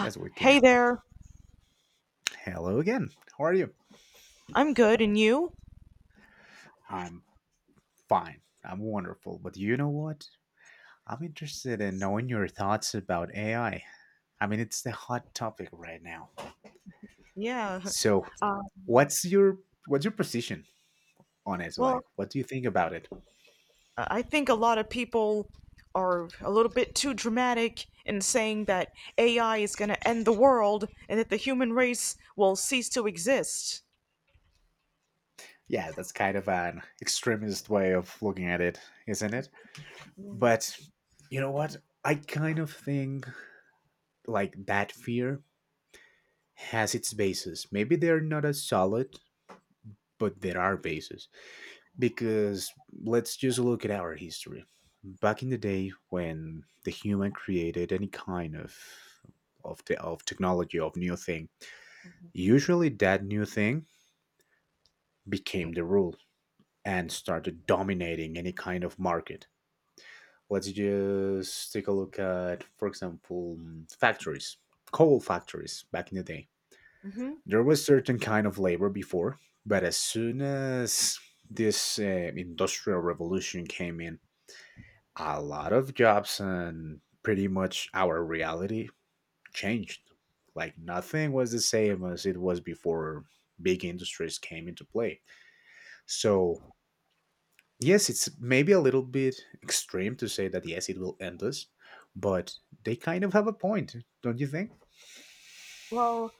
Yes, we Hey can. there, Hello again. How are you? I'm good, and you? I'm fine. I'm wonderful. But you know what? I'm interested in knowing your thoughts about AI. I mean, it's the hot topic right now. Yeah, So, what's your what's your position on it? Like, well, what do you think about it? I think a lot of people are a little bit too dramatic in saying that AI is going to end the world and that the human race will cease to exist. Yeah, that's kind of an extremist way of looking at it, isn't it? But you know what? I kind of think like that fear has its basis. Maybe they're not as solid, but there are bases. Because let's just look at our history. Back in the day when the human created any kind of the of technology of new thing, usually that new thing became the rule and started dominating any kind of market. Let's just take a look at, for example, factories, coal factories back in the day. Hmm. There was certain kind of labor before, but as soon as this industrial revolution came in, a lot of jobs and pretty much our reality changed. Like nothing was the same as it was before big industries came into play. So, yes, it's maybe a little bit extreme to say that yes, it will end us, but they kind of have a point, don't you think? Well,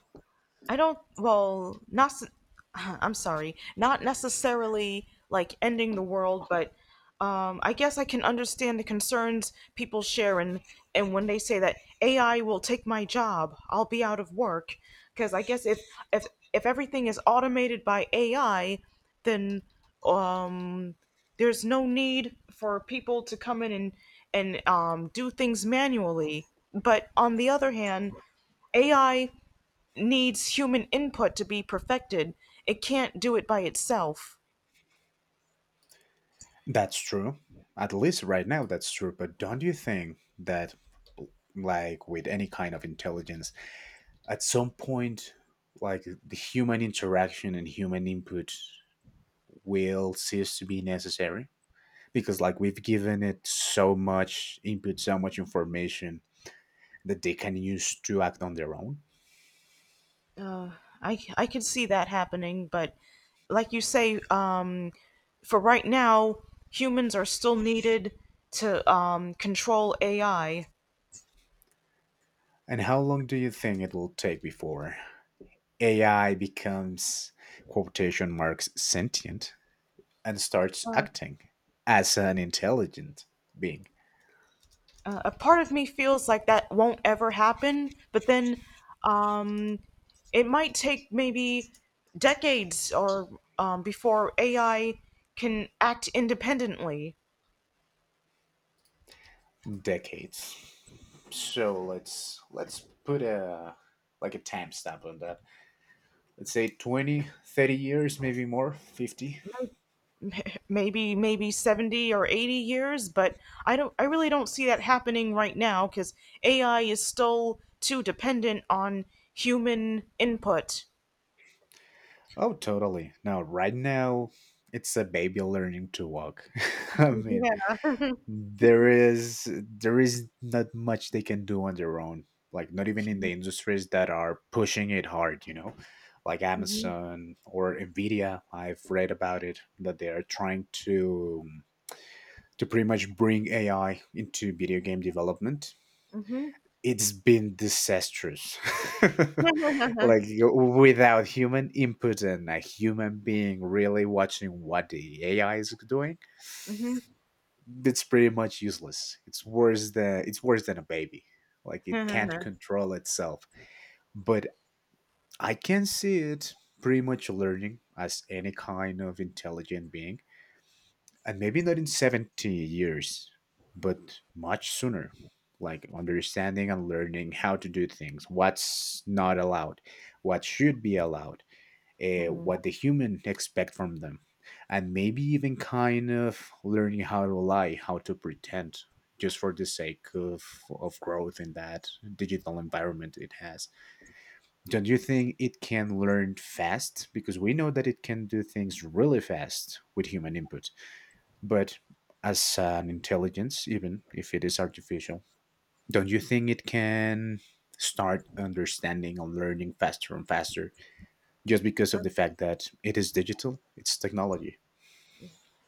I don't, well, not, I'm sorry, not necessarily like ending the world, but I guess I can understand the concerns people share, and when they say that AI will take my job, I'll be out of work. Because I guess if, if everything is automated by AI, then um, there's no need for people to come in and do things manually. But on the other hand, AI needs human input to be perfected. It can't do it by itself. That's true. At least right now, that's true. But don't you think that, like with any kind of intelligence, at some point, like the human interaction and human input will cease to be necessary because like we've given it so much input so much information that they can use to act on their own I can see that happening, but like you say, for right now, humans are still needed to control AI. and how long do you think it will take before ai becomes quotation marks sentient and starts acting as an intelligent being A part of me feels like that won't ever happen, but then um, it might take maybe decades or before AI can act independently. decades So let's put a like a timestamp on that. Let's say 20, 30 years maybe more 50. Maybe 70 or 80 years, but I don't, I really don't see that happening right now because AI is still too dependent on human input. Oh, totally. Now, right now, it's a baby learning to walk. I mean, there is not much they can do on their own. Like, not even in the industries that are pushing it hard. You know, like Mm-hmm. Amazon or Nvidia. I've read about it that they are trying to pretty much bring AI into video game development. It's been disastrous. Mm-hmm. Like without human input and a human being really watching what the AI is doing, it's pretty much useless. It's worse than a baby. Like it can't Mm-hmm. control itself. But I can see it pretty much learning as any kind of intelligent being, and maybe not in 70 years, but much sooner. Like understanding and learning how to do things, what's not allowed, what should be allowed, what the human expect from them, and maybe even kind of learning how to lie, how to pretend, just for the sake of growth in that digital environment it has. Don't you think it can learn fast? Because we know that it can do things really fast with human input. But as an intelligence, even if it is artificial, don't you think it can start understanding and learning faster and faster just because of the fact that it is digital? It's technology.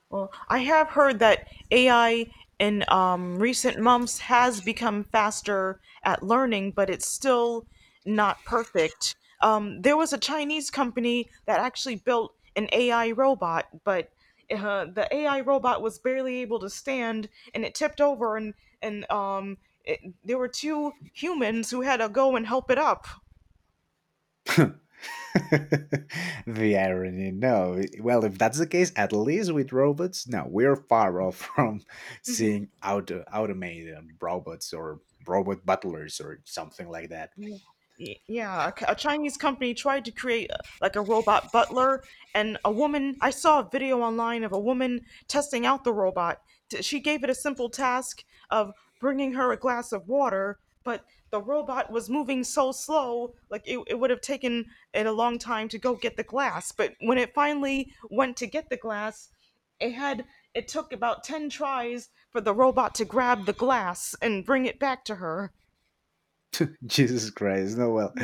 Well, I have heard that AI in recent months has become faster at learning, but it's still not perfect. There was a Chinese company that actually built an AI robot, but the AI robot was barely able to stand, and it tipped over, and there were two humans who had to go and help it up. The irony, no. Well, if that's the case, at least with robots, no, we're far off from seeing automated robots or robot butlers or something like that. Yeah. Yeah, a Chinese company tried to create like a robot butler, and a woman, I saw a video online of a woman testing out the robot. She gave it a simple task of bringing her a glass of water, but the robot was moving so slow. Like, it would have taken it a long time to go get the glass, but when it finally went to get the glass, it had it took about 10 tries for the robot to grab the glass and bring it back to her. Jesus Christ, no, well,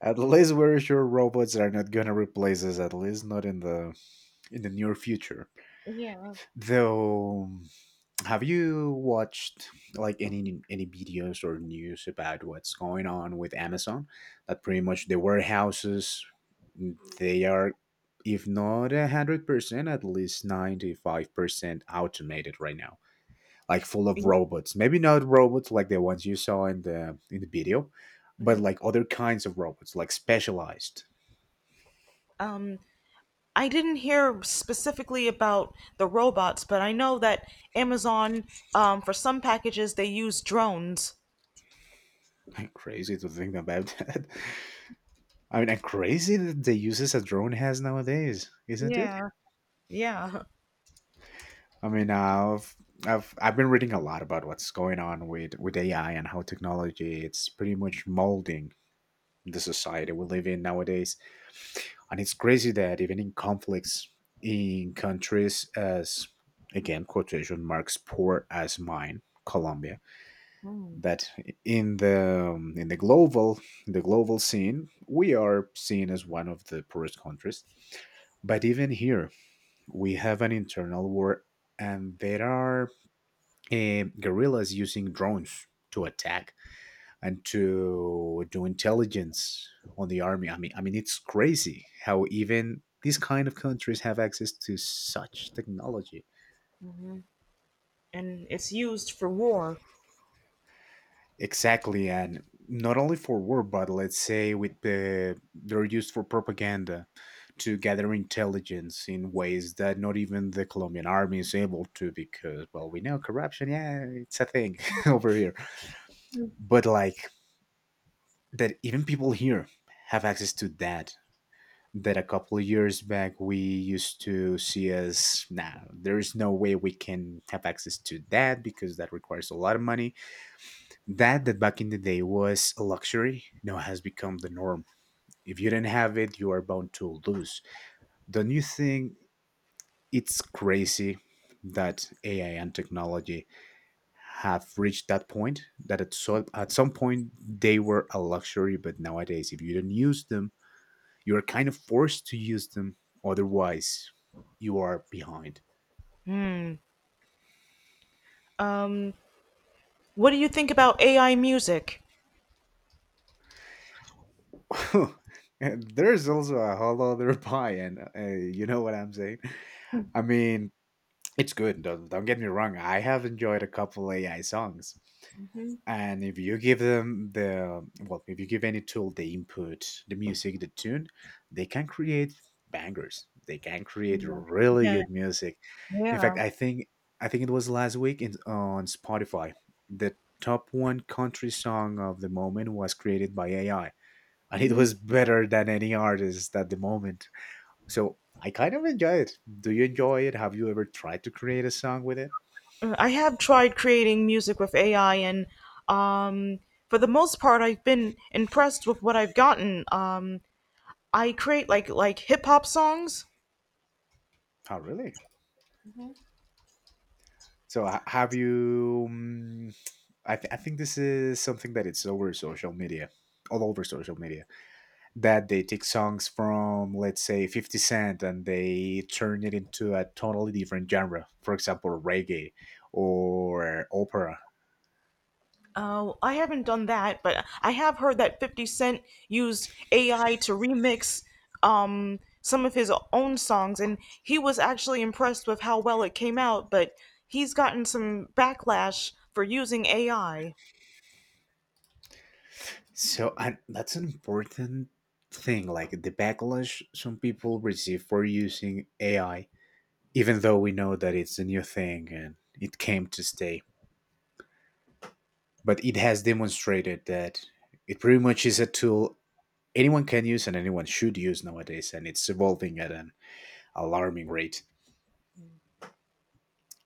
at least we're sure robots are not gonna replace us, at least not in the near future. Though have you watched like any videos or news about what's going on with Amazon? That pretty much the warehouses they are, if not 100%, at least 95% automated right now. Like full of robots. Maybe not robots like the ones you saw in the video, but like other kinds of robots, like specialized. um I didn't hear specifically about the robots, but I know that Amazon, for some packages, they use drones. Crazy to think about that. I mean, and crazy that the uses a drone has nowadays, isn't it? Yeah, yeah. I mean, I've been reading a lot about what's going on with AI and how technology it's pretty much molding the society we live in nowadays, and it's crazy that even in conflicts in countries as again quotation marks poor as mine, Colombia, that in the in the global scene we are seen as one of the poorest countries, but even here we have an internal war and there are guerrillas using drones to attack and to do intelligence on the army. I mean it's crazy how even these kind of countries have access to such technology. And it's used for war. Exactly, and not only for war, but let's say with the they're used for propaganda to gather intelligence in ways that not even the Colombian army is able to, because well, we know corruption, yeah, it's a thing over here. But like that, even people here have access to that. That a couple of years back we used to see as now nah, there is no way we can have access to that because that requires a lot of money. That that back in the day was a luxury now has become the norm. If you don't have it, you are bound to lose. Don't you think it's crazy that AI and technology have reached that point that at so at some point they were a luxury, but nowadays if you don't use them, you are kind of forced to use them. Otherwise, you are behind. Um, what do you think about AI music? And there's also a whole other pie, and you know what I'm saying. I mean, it's good. Don't get me wrong. I have enjoyed a couple AI songs. And if you give them the, well, if you give any tool the input, the music, the tune, they can create bangers. They can create really Yeah, good music. In fact, yeah. I think it was last week in, on Spotify, the top one country song of the moment was created by AI. And it Hmm. was better than any artist at the moment. So I kind of enjoy it. Do you enjoy it? Have you ever tried to create a song with it? I have tried creating music with AI, and um, for the most part, I've been impressed with what I've gotten. I create like hip hop songs. Oh, really? So have you? I think this is something that it's all over social media, that they take songs from, let's say, 50 Cent and they turn it into a totally different genre. For example, reggae or opera. Oh, I haven't done that, but I have heard that 50 Cent used AI to remix some of his own songs, and he was actually impressed with how well it came out, but he's gotten some backlash for using AI. So and that's an important thing. Like the backlash some people receive for using AI, even though we know that it's a new thing and it came to stay. But it has demonstrated that it pretty much is a tool anyone can use and anyone should use nowadays, and it's evolving at an alarming rate.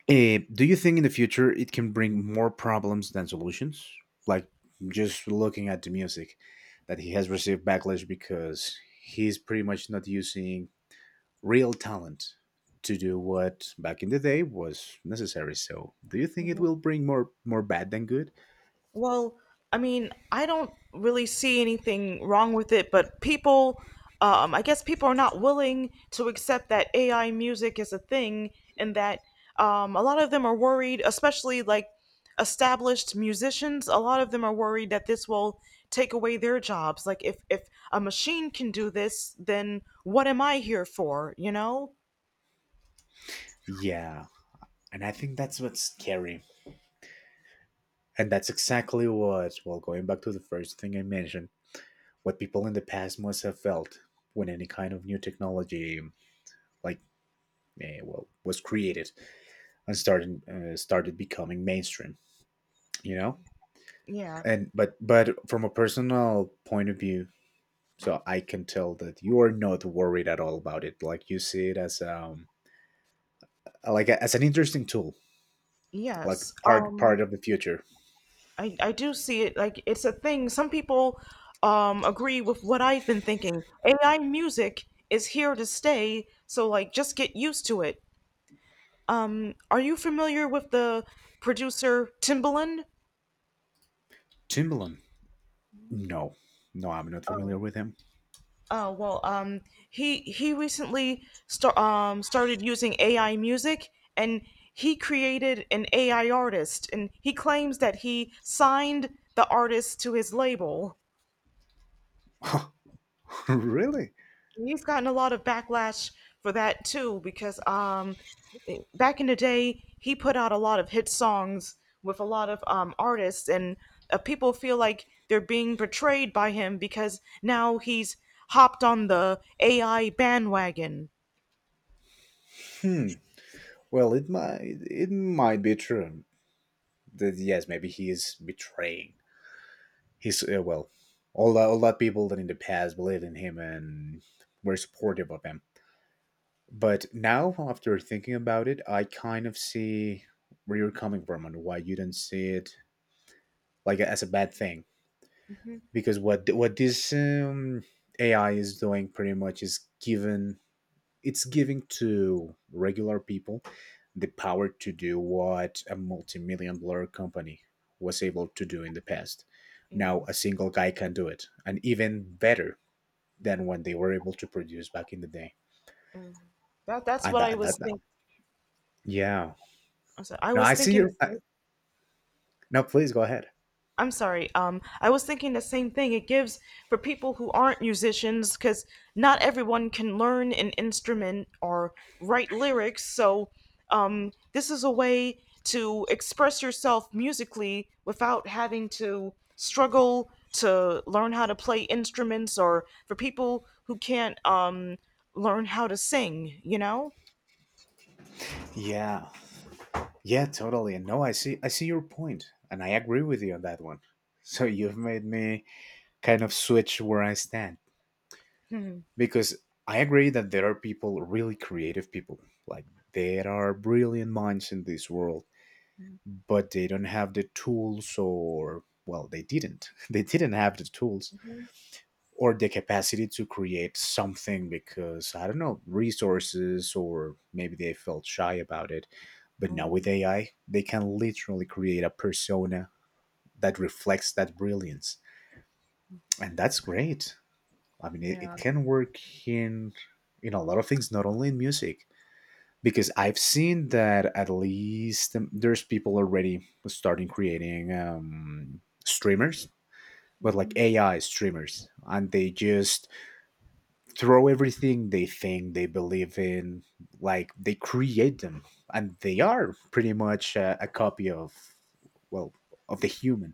Eh, do you think in the future it can bring more problems than solutions? Like just looking at the music, that he has received backlash because he's pretty much not using real talent to do what back in the day was necessary. So, do you think it will bring more bad than good? Well, I mean, I don't really see anything wrong with it, but people, I guess people are not willing to accept that AI music is a thing, and that a lot of them are worried, especially like established musicians. A lot of them are worried that this will take away their jobs. Like, if a machine can do this, then what am I here for? You know? Yeah, and I think that's what's scary, and that's exactly what. Well, going back to the first thing I mentioned, what people in the past must have felt when any kind of new technology like well was created and started started becoming mainstream. You know, Yeah. and but from a personal point of view, so I can tell that you are not worried at all about it. Like you see it as like a, as an interesting tool, like Yes. part of the future. I do see it like it's a thing. Some people agree with what I've been thinking. AI music is here to stay, so like, just get used to it. Are you familiar with the producer Timbaland? Timbaland, no, no, I'm not familiar Oh, with him. oh well, he recently started using AI music, and he created an AI artist, and he claims that he signed the artist to his label. Really? He's gotten a lot of backlash for that too, because back in the day, he put out a lot of hit songs with a lot of artists, and people feel like they're being betrayed by him because now he's hopped on the AI bandwagon. Hmm. Well, it might be true that yes, maybe he is betraying he's uh, well, all all that people that in the past believed in him and were supportive of him. But now, after thinking about it, I kind of see where you're coming from and why you don't see it like as a bad thing. Hmm. Because what this AI is doing pretty much is given, it's giving to regular people the power to do what a multi-million-dollar company was able to do in the past. Now a Yes. single guy can do it, and even better than when they were able to produce back in the day. Mm. That's And what I that, and was that, that- thinking. yeah. I No, I was see thinking. your. I, No, please go ahead. I'm sorry. I was thinking the same thing. It gives, for people who aren't musicians, because not everyone can learn an instrument or write lyrics. So, this is a way to express yourself musically without having to struggle to learn how to play instruments, or for people who can't learn how to sing. You know? Yeah, yeah, totally. And no, I see your point, and I agree with you on that one. So you've made me kind of switch where I stand Hmm. because I agree that there are people, really creative people, like there are brilliant minds in this world, but they don't have the tools, or well, they didn't. They didn't have the tools or the capacity to create something because I don't know resources or maybe they felt shy about it. But now Mhm. with AI, they can literally create a persona that reflects that brilliance, and that's great. I mean, it Yeah. can work in in a lot of things, not only in music. Because I've seen that at least there's people already starting creating streamers, but like AI streamers, and they just throw everything they think they believe in, like they create them, and they are pretty much a copy of, well, of the human,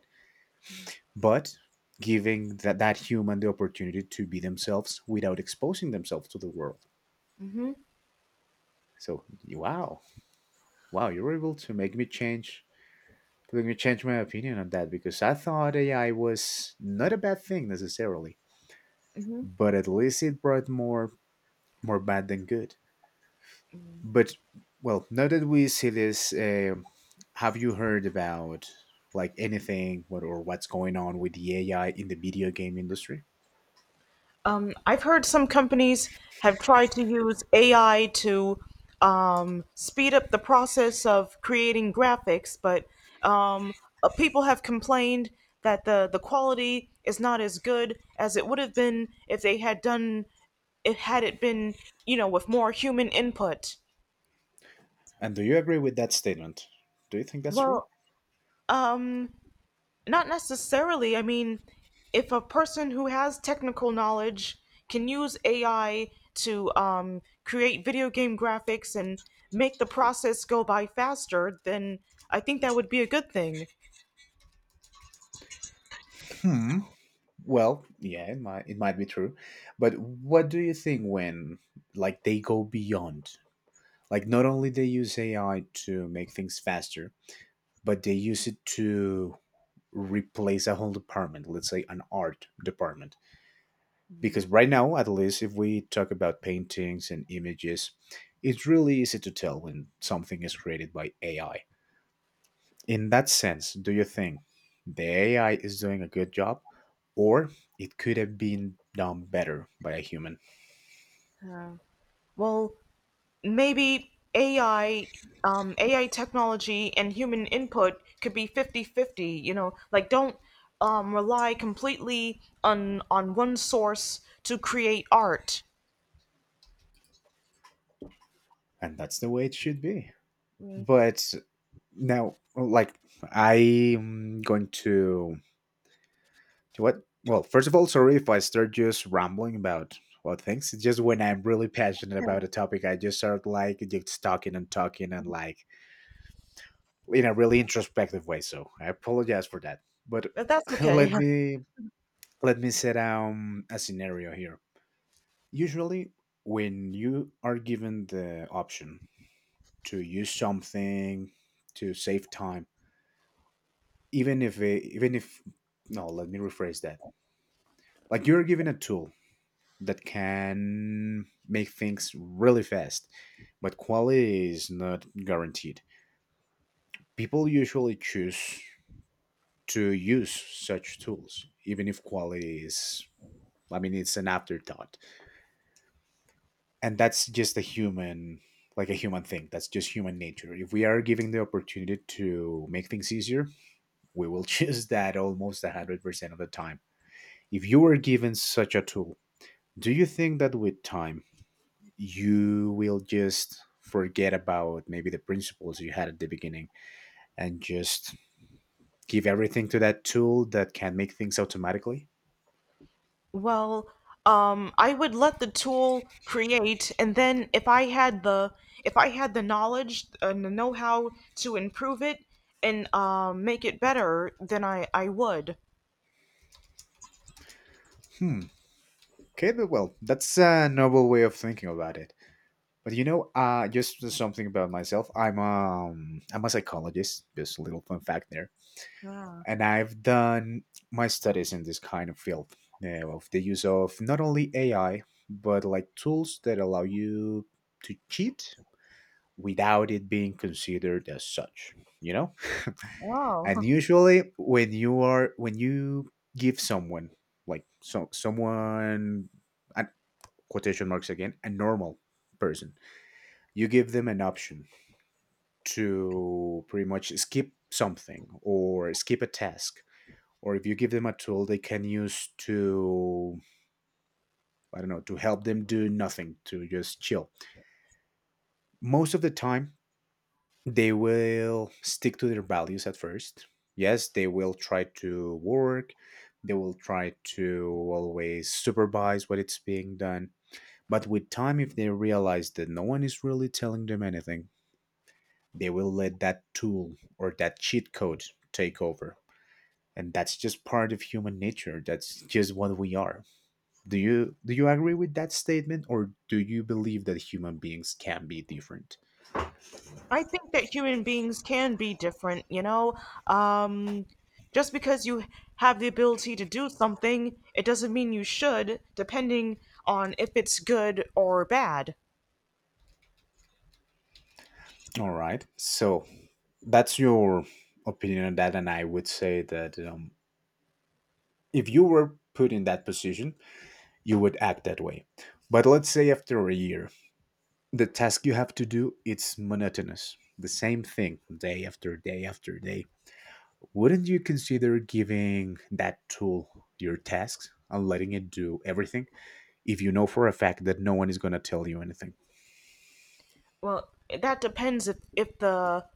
but giving that human the opportunity to be themselves without exposing themselves to the world. Hmm. So wow. Wow, you were able to make me change my opinion on that, because I thought AI was not a bad thing necessarily, but at least it brought more bad than good. But well, now that we see this, have you heard about, like, anything what's going on with the AI in the video game industry? I've heard some companies have tried to use AI to speed up the process of creating graphics, but um, people have complained that the quality is not as good as it would have been if they had done it, had it been, you know, with more human input. And do you agree with that statement? Do you think that's true? Well, um, Not necessarily. I mean, if a person who has technical knowledge can use AI to create video game graphics and make the process go by faster, then I think that would be a good thing. Hmm. Well, yeah, it might be true, but what do you think when, like, they go beyond? Like, not only they use AI to make things faster, but they use it to replace a whole department, let's say an art department. Because right now, at least if we talk about paintings and images, it's really easy to tell when something is created by AI. In that sense, do you think the AI is doing a good job, or it could have been done better by a human? Well, maybe AI technology and human input could be fifty-fifty. You know, like, don't rely completely on one source to create art. And that's the way it should be, but now, like, I'm going to — what? Well, first of all, sorry if I start just rambling about things. It's just, when I'm really passionate about a topic, I just start like just talking and talking and, like, in a really introspective way. So I apologize for that. But But that's let okay. me let me set a scenario here. Usually, when you are given the option to use something to save time, even if no, let me rephrase that. Like, you're given a tool that can make things really fast, but quality is not guaranteed. People usually choose to use such tools, even if quality is, I mean, it's an afterthought. And that's just a human, like a human thing. That's just human nature. If we are given the opportunity to make things easier, we will choose that almost 100% of the time. If you were given such a tool, do you think that with time you will just forget about maybe the principles you had at the beginning and just give everything to that tool that can make things automatically. Well, I would let the tool create, and then if I had the knowledge and the know-how to improve it and make it better, then I would. Hmm. Okay, but well, that's a noble way of thinking about it. But you know, just something about myself. I'm a psychologist. Just a little fun fact there, Yeah. and I've done my studies in this kind of field, of the use of not only AI but like tools that allow you to cheat without it being considered as such, you know. Wow. And usually when you are, when you give someone, like, so someone, and, quotation marks again, a normal person, you give them an option to pretty much skip something or skip a task, or if you give them a tool they can use to, I don't know, to help them do nothing, to just chill, most of the time they will stick to their values at first. Yes, they will try to work, they will try to always supervise what it's being done. But with time, if they realize that no one is really telling them anything, they will let that tool or that cheat code take over. And that's just part of human nature. That's just what we are. Do you agree with that statement, or do you believe that human beings can be different? I think that human beings can be different, you know. Um, just because you have the ability to do something, it doesn't mean you should, depending on if it's good or bad. All right. So, that's your opinion on that, and I would say that, if you were put in that position, you would act that way. But let's say after a year, the task you have to do, it's monotonous, the same thing day after day after day. Wouldn't you consider giving that tool your tasks and letting it do everything, if you know for a fact that no one is going to tell you anything? Well, that depends if, if the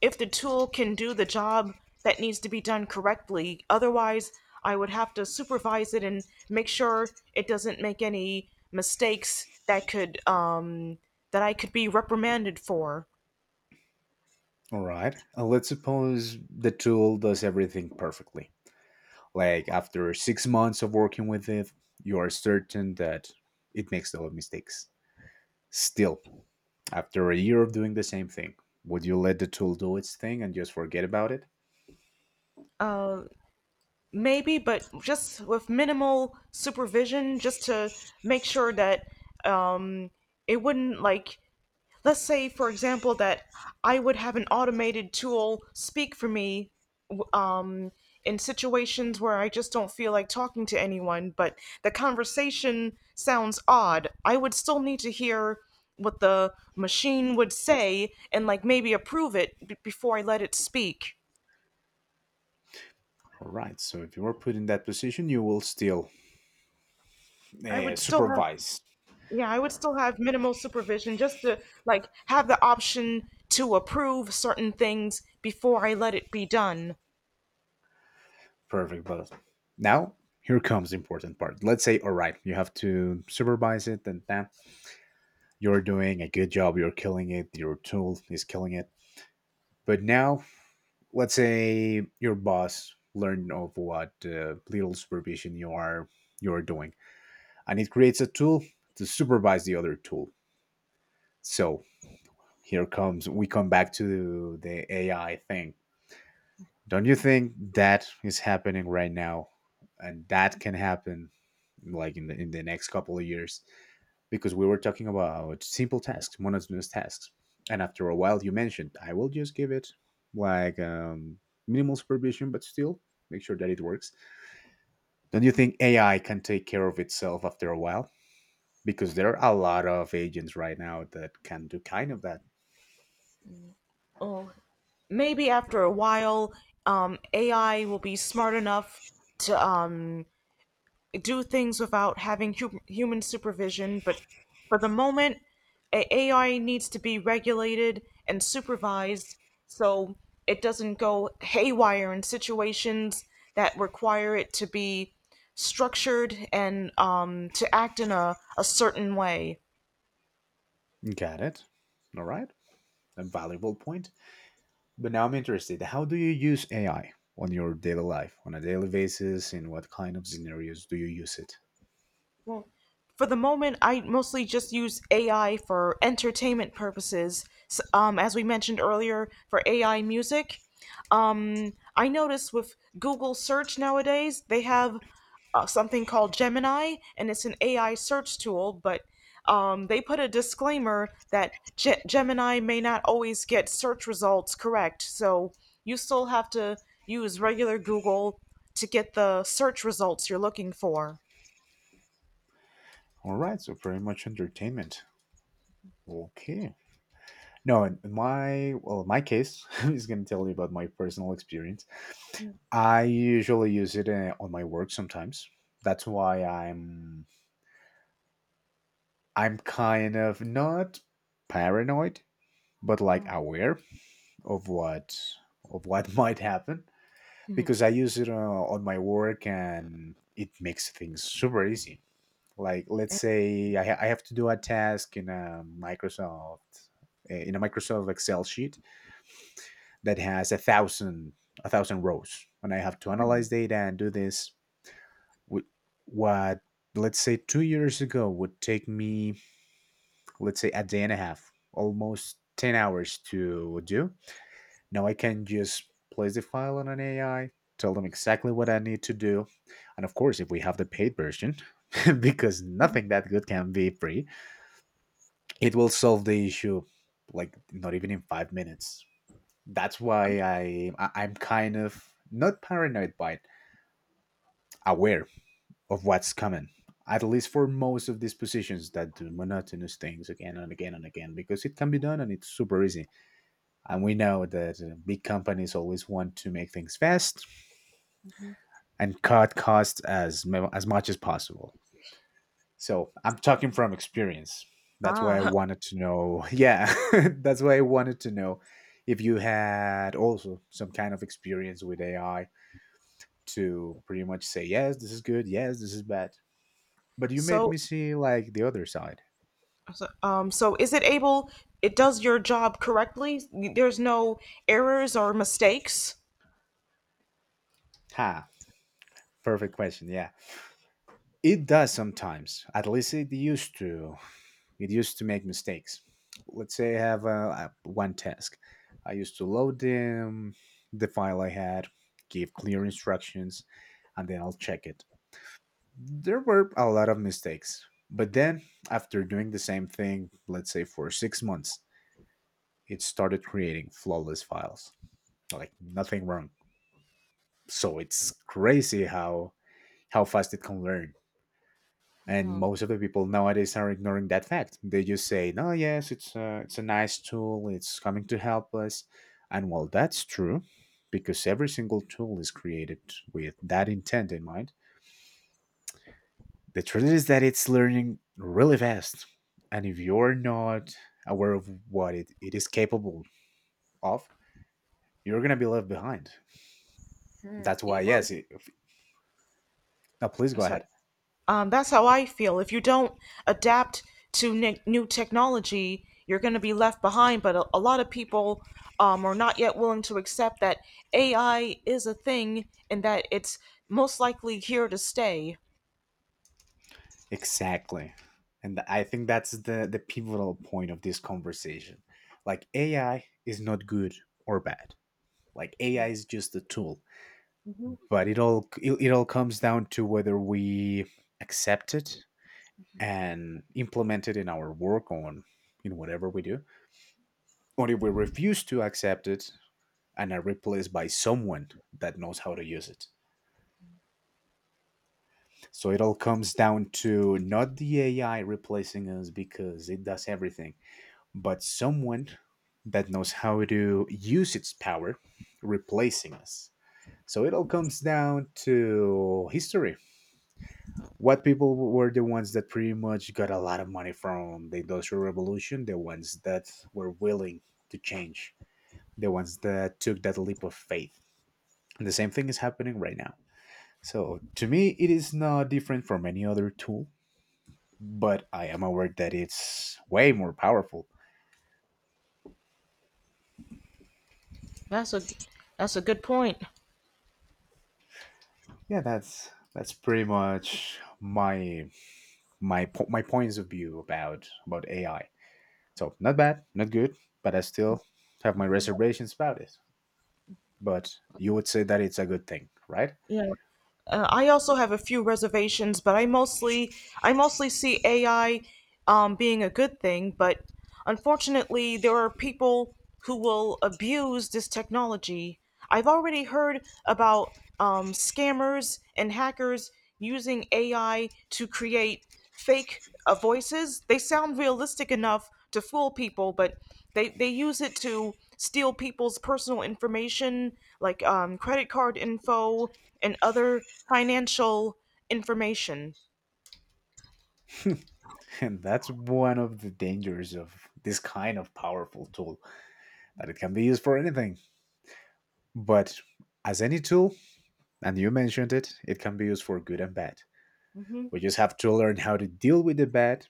if the tool can do the job that needs to be done correctly. Otherwise, I would have to supervise it and make sure it doesn't make any mistakes that could that I could be reprimanded for. All right, and let's suppose the tool does everything perfectly. Like, after six months of working with it, you are certain that it makes a lot of mistakes. Still, after a year of doing the same thing, would you let the tool do its thing and just forget about it? Uh, Maybe, but just with minimal supervision, just to make sure that um it wouldn't, like, let's say for example that I would have an automated tool speak for me, w- um, in situations where I just don't feel like talking to anyone, but the conversation sounds odd. I would still need to hear what the machine would say and, like, maybe approve it before I let it speak. All right. So if you were put in that position, you will still, I would still have supervise. yeah I would still have minimal supervision, just to, like, have the option to approve certain things before I let it be done. Perfect. But now, here comes the important part. Let's say, all right, you have to supervise it, and that you're doing a good job. You're killing it. Your tool is killing it. But now, let's say your boss learned of what, little supervision you are, doing, and it creates a tool to supervise the other tool. So here comes, we come back to the AI thing. Don't you think that is happening right now, and that can happen, like, in the next couple of years? Because we were talking about simple tasks, monotonous tasks. And after a while, you mentioned, I will just give it, like, minimal supervision, but still make sure that it works. Don't you think AI can take care of itself after a while? Because there are a lot of agents right now that can do kind of that. Oh, maybe after a while, AI will be smart enough to do things without having human supervision. But for the moment, AI needs to be regulated and supervised so it doesn't go haywire in situations that require it to be structured and, to act in a certain way. Got it. All right. A valuable point. But now I'm interested. How do you use AI on your daily life, on a daily basis? In what kind of scenarios do you use it? For the moment, I mostly just use AI for entertainment purposes. As we mentioned earlier, for AI music, I notice with Google search nowadays they have something called Gemini, and it's an AI search tool, but they put a disclaimer that Gemini may not always get search results correct, so you still have to use regular Google to get the search results you're looking for. All right. So, pretty much entertainment. Okay. No, in my, well, in my case, I'm just gonna tell you about my personal experience. I usually use it, on my work sometimes. That's why I'm kind of not paranoid, but like aware of what, might happen, because I use it, on my work, and it makes things super easy. Like, let's say I, I have to do a task in a Microsoft, in a Microsoft Excel sheet that has a thousand rows, and I have to analyze data and do this with, what, let's say two years ago would take me, let's say, a day and a half, almost ten hours to do. Now I can just place the file on an AI, tell them exactly what I need to do, and of course, if we have the paid version, because nothing that good can be free, it will solve the issue like not even in five minutes. That's why I, I'm kind of not paranoid, but aware of what's coming. At least for most of these positions that do monotonous things again and again and again, because it can be done and it's super easy. And we know that, big companies always want to make things fast and cut costs as as much as possible. So I'm talking from experience. That's why I Ah, wanted to know. Yeah, that's why I wanted to know if you had also some kind of experience with AI, to pretty much say, yes, this is good, yes, this is bad. But you made me so, see, like, the other side. so it does your job correctly? There's no errors or mistakes? Ha, perfect question. Yeah, it does sometimes, at least it used to, it used to make mistakes. Let's say I have, one task. I used to load the file I had, give clear instructions, and then I'll check it. There were a lot of mistakes, but then, after doing the same thing, let's say, for six months, it started creating flawless files, like nothing wrong. So it's crazy how fast it can learn. And most of the people nowadays are ignoring that fact. They just say, "No, yes, it's a nice tool. It's coming to help us." And while that's true, because every single tool is created with that intent in mind, the truth is that it's learning really fast. And if you're not aware of what it is capable of, you're gonna be left behind. Hmm, That's why, it will- yes. It, now, please go Sorry. ahead. That's how I feel. If you don't adapt to new technology, you're going to be left behind. But a lot of people are not yet willing to accept that AI is a thing and that it's most likely here to stay. Exactly. And I think that's the pivotal point of this conversation. Like, AI is not good or bad. Like, AI is just a tool, but it all, it all comes down to whether we accept it and implement it in our work, on, in whatever we do, or if we refuse to accept it and are replaced by someone that knows how to use it. So it all comes down to not the AI replacing us because it does everything, but someone that knows how to use its power replacing us. So it all comes down to history. What people were the ones that pretty much got a lot of money from the Industrial Revolution, the ones that were willing to change, the ones that took that leap of faith. And the same thing is happening right now. So to me, it is not different from any other tool, but I am aware that it's way more powerful. That's a that's a good point. Yeah, that's pretty much my my points of view about AI. So not bad, not good, but I still have my reservations about it. But you would say that it's a good thing, right? Yeah. I also have a few reservations, but I mostly see AI, being a good thing. But unfortunately, there are people who will abuse this technology. I've already heard about scammers and hackers using AI to create fake voices. They sound realistic enough to fool people, but they use it to steal people's personal information, like credit card info and other financial information. And that's one of the dangers of this kind of powerful tool, that it can be used for anything. But as any tool, and you mentioned it, it can be used for good and bad. Hmm. We just have to learn how to deal with the bad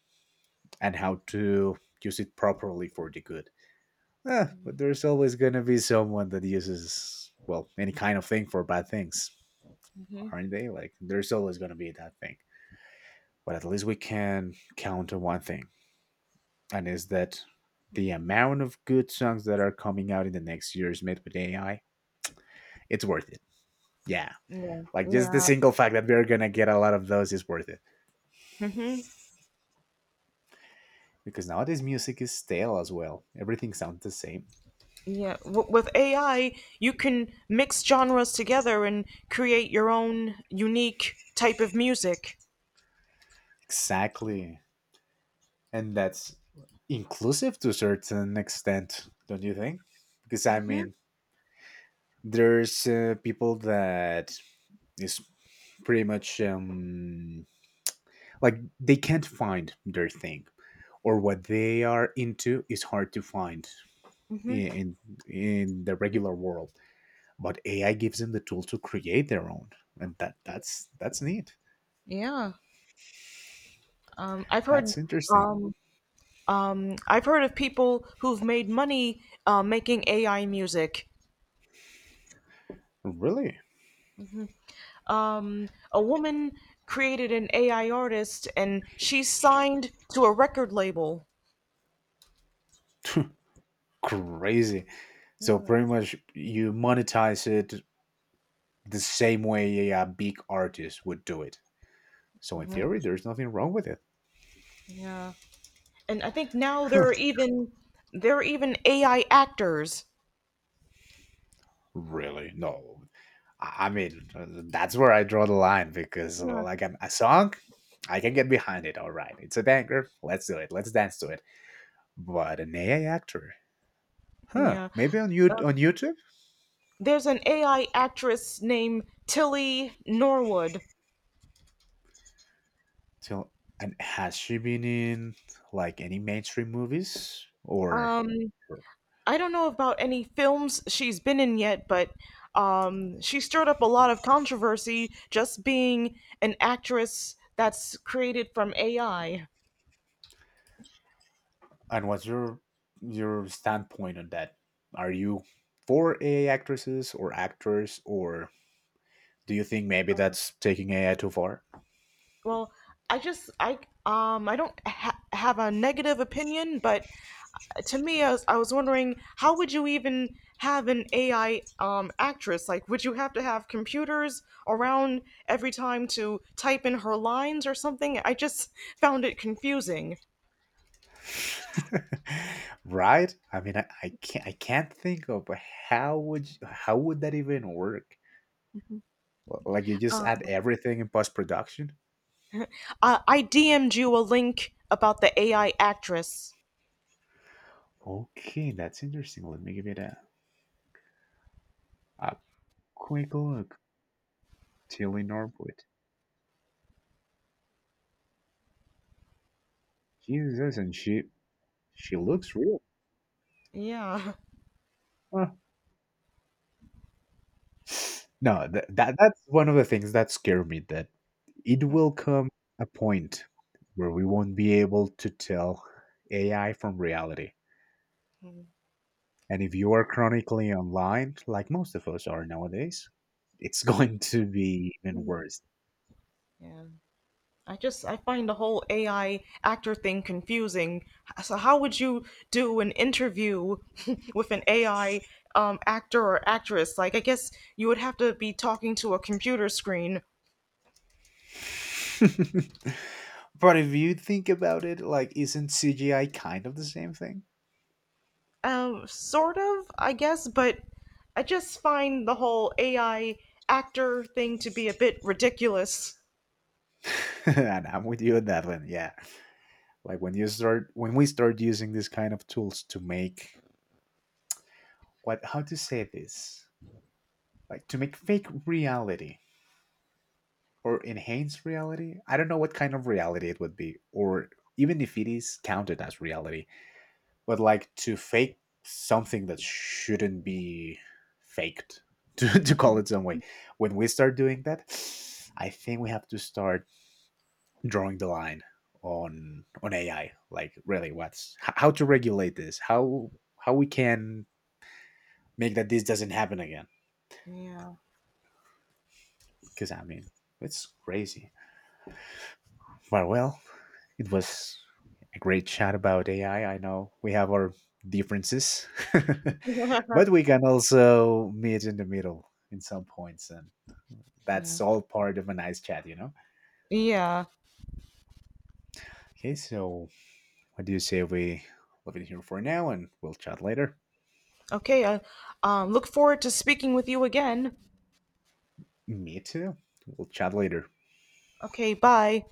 and how to use it properly for the good. Eh, but there's always going to be someone that uses, well, any kind of thing for bad things, Hmm. aren't they? Like, there's always going to be that thing. But at least we can count on one thing, and is that the amount of good songs that are coming out in the next years made with AI, it's worth it. Yeah. Yeah, Like, just the yeah. single fact that we're going to get a lot of those is worth it. Hmm. Because nowadays music is stale as well. Everything sounds the same. Yeah. With AI, you can mix genres together and create your own unique type of music. Exactly, and that's inclusive to a certain extent, don't you think? Because I Hmm. mean, there's people that is pretty much, like, they can't find their thing, or what they are into is hard to find Hmm. in in the regular world. But AI gives them the tool to create their own, and that's neat. Yeah, I've heard. That's interesting. Um, I've heard of people who've made money making AI music. Really? A woman created an AI artist, and she's signed to a record label. Crazy. So pretty much you monetize it the same way a big artist would do it. So in theory, there's nothing wrong with it. Yeah. And I think now there are even there are even AI actors. Really? No. I mean, that's where I draw the line because, Yeah. like, a song, I can get behind it. All right, it's a banger. Let's do it. Let's dance to it. But an AI actor, huh? Yeah. Maybe on YouTube. There's an AI actress named Tilly Norwood. So, and has she been in like any mainstream movies or? Um, I don't know about any films she's been in yet, but she stirred up a lot of controversy just being an actress that's created from AI. And what's your standpoint on that? Are you for AI actresses or actors, or do you think maybe that's taking AI too far? Well, I just I don't ha- have a negative opinion, but to me, I was wondering how would you even have an AI actress? Like, would you have to have computers around every time to type in her lines or something? I just found it confusing. Right? I mean, I can't think of how would that even work? Like, you just add everything in post production. I DM'd you a link about the AI actress. Okay, that's interesting. Let me give it a quick look. Tilly Norwood. Jesus, and she looks real. Yeah. Huh. No, that's one of the things that scare me, that it will come a point where we won't be able to tell AI from reality. And if you are chronically online, like most of us are nowadays, it's going to be even worse. Yeah. I just I find the whole AI actor thing confusing. So how would you do an interview with an AI actor or actress? Like, I guess you would have to be talking to a computer screen. But if you think about it, like, isn't CGI kind of the same thing? Sort of, I guess, but I just find the whole AI actor thing to be a bit ridiculous. And I'm with you on that one. Yeah, like when we start using these kind of tools to make, what, how to say this, like, to make fake reality or enhance reality, I don't know what kind of reality it would be, or even if it is counted as reality, but like to fake something that shouldn't be faked, to call it some way, when we start doing that, I think we have to start drawing the line on AI, like, really, what's how to regulate this, how we can make that this doesn't happen again. Yeah. Because I mean, it's crazy. But well, it was a great chat about AI. I know we have our differences, Yeah. but we can also meet in the middle in some points, and that's all part of a nice chat, you know? Yeah. Okay, so what do you say we leave it here for now and we'll chat later? Okay. I look forward to speaking with you again. Me too. We'll chat later. Okay. Bye.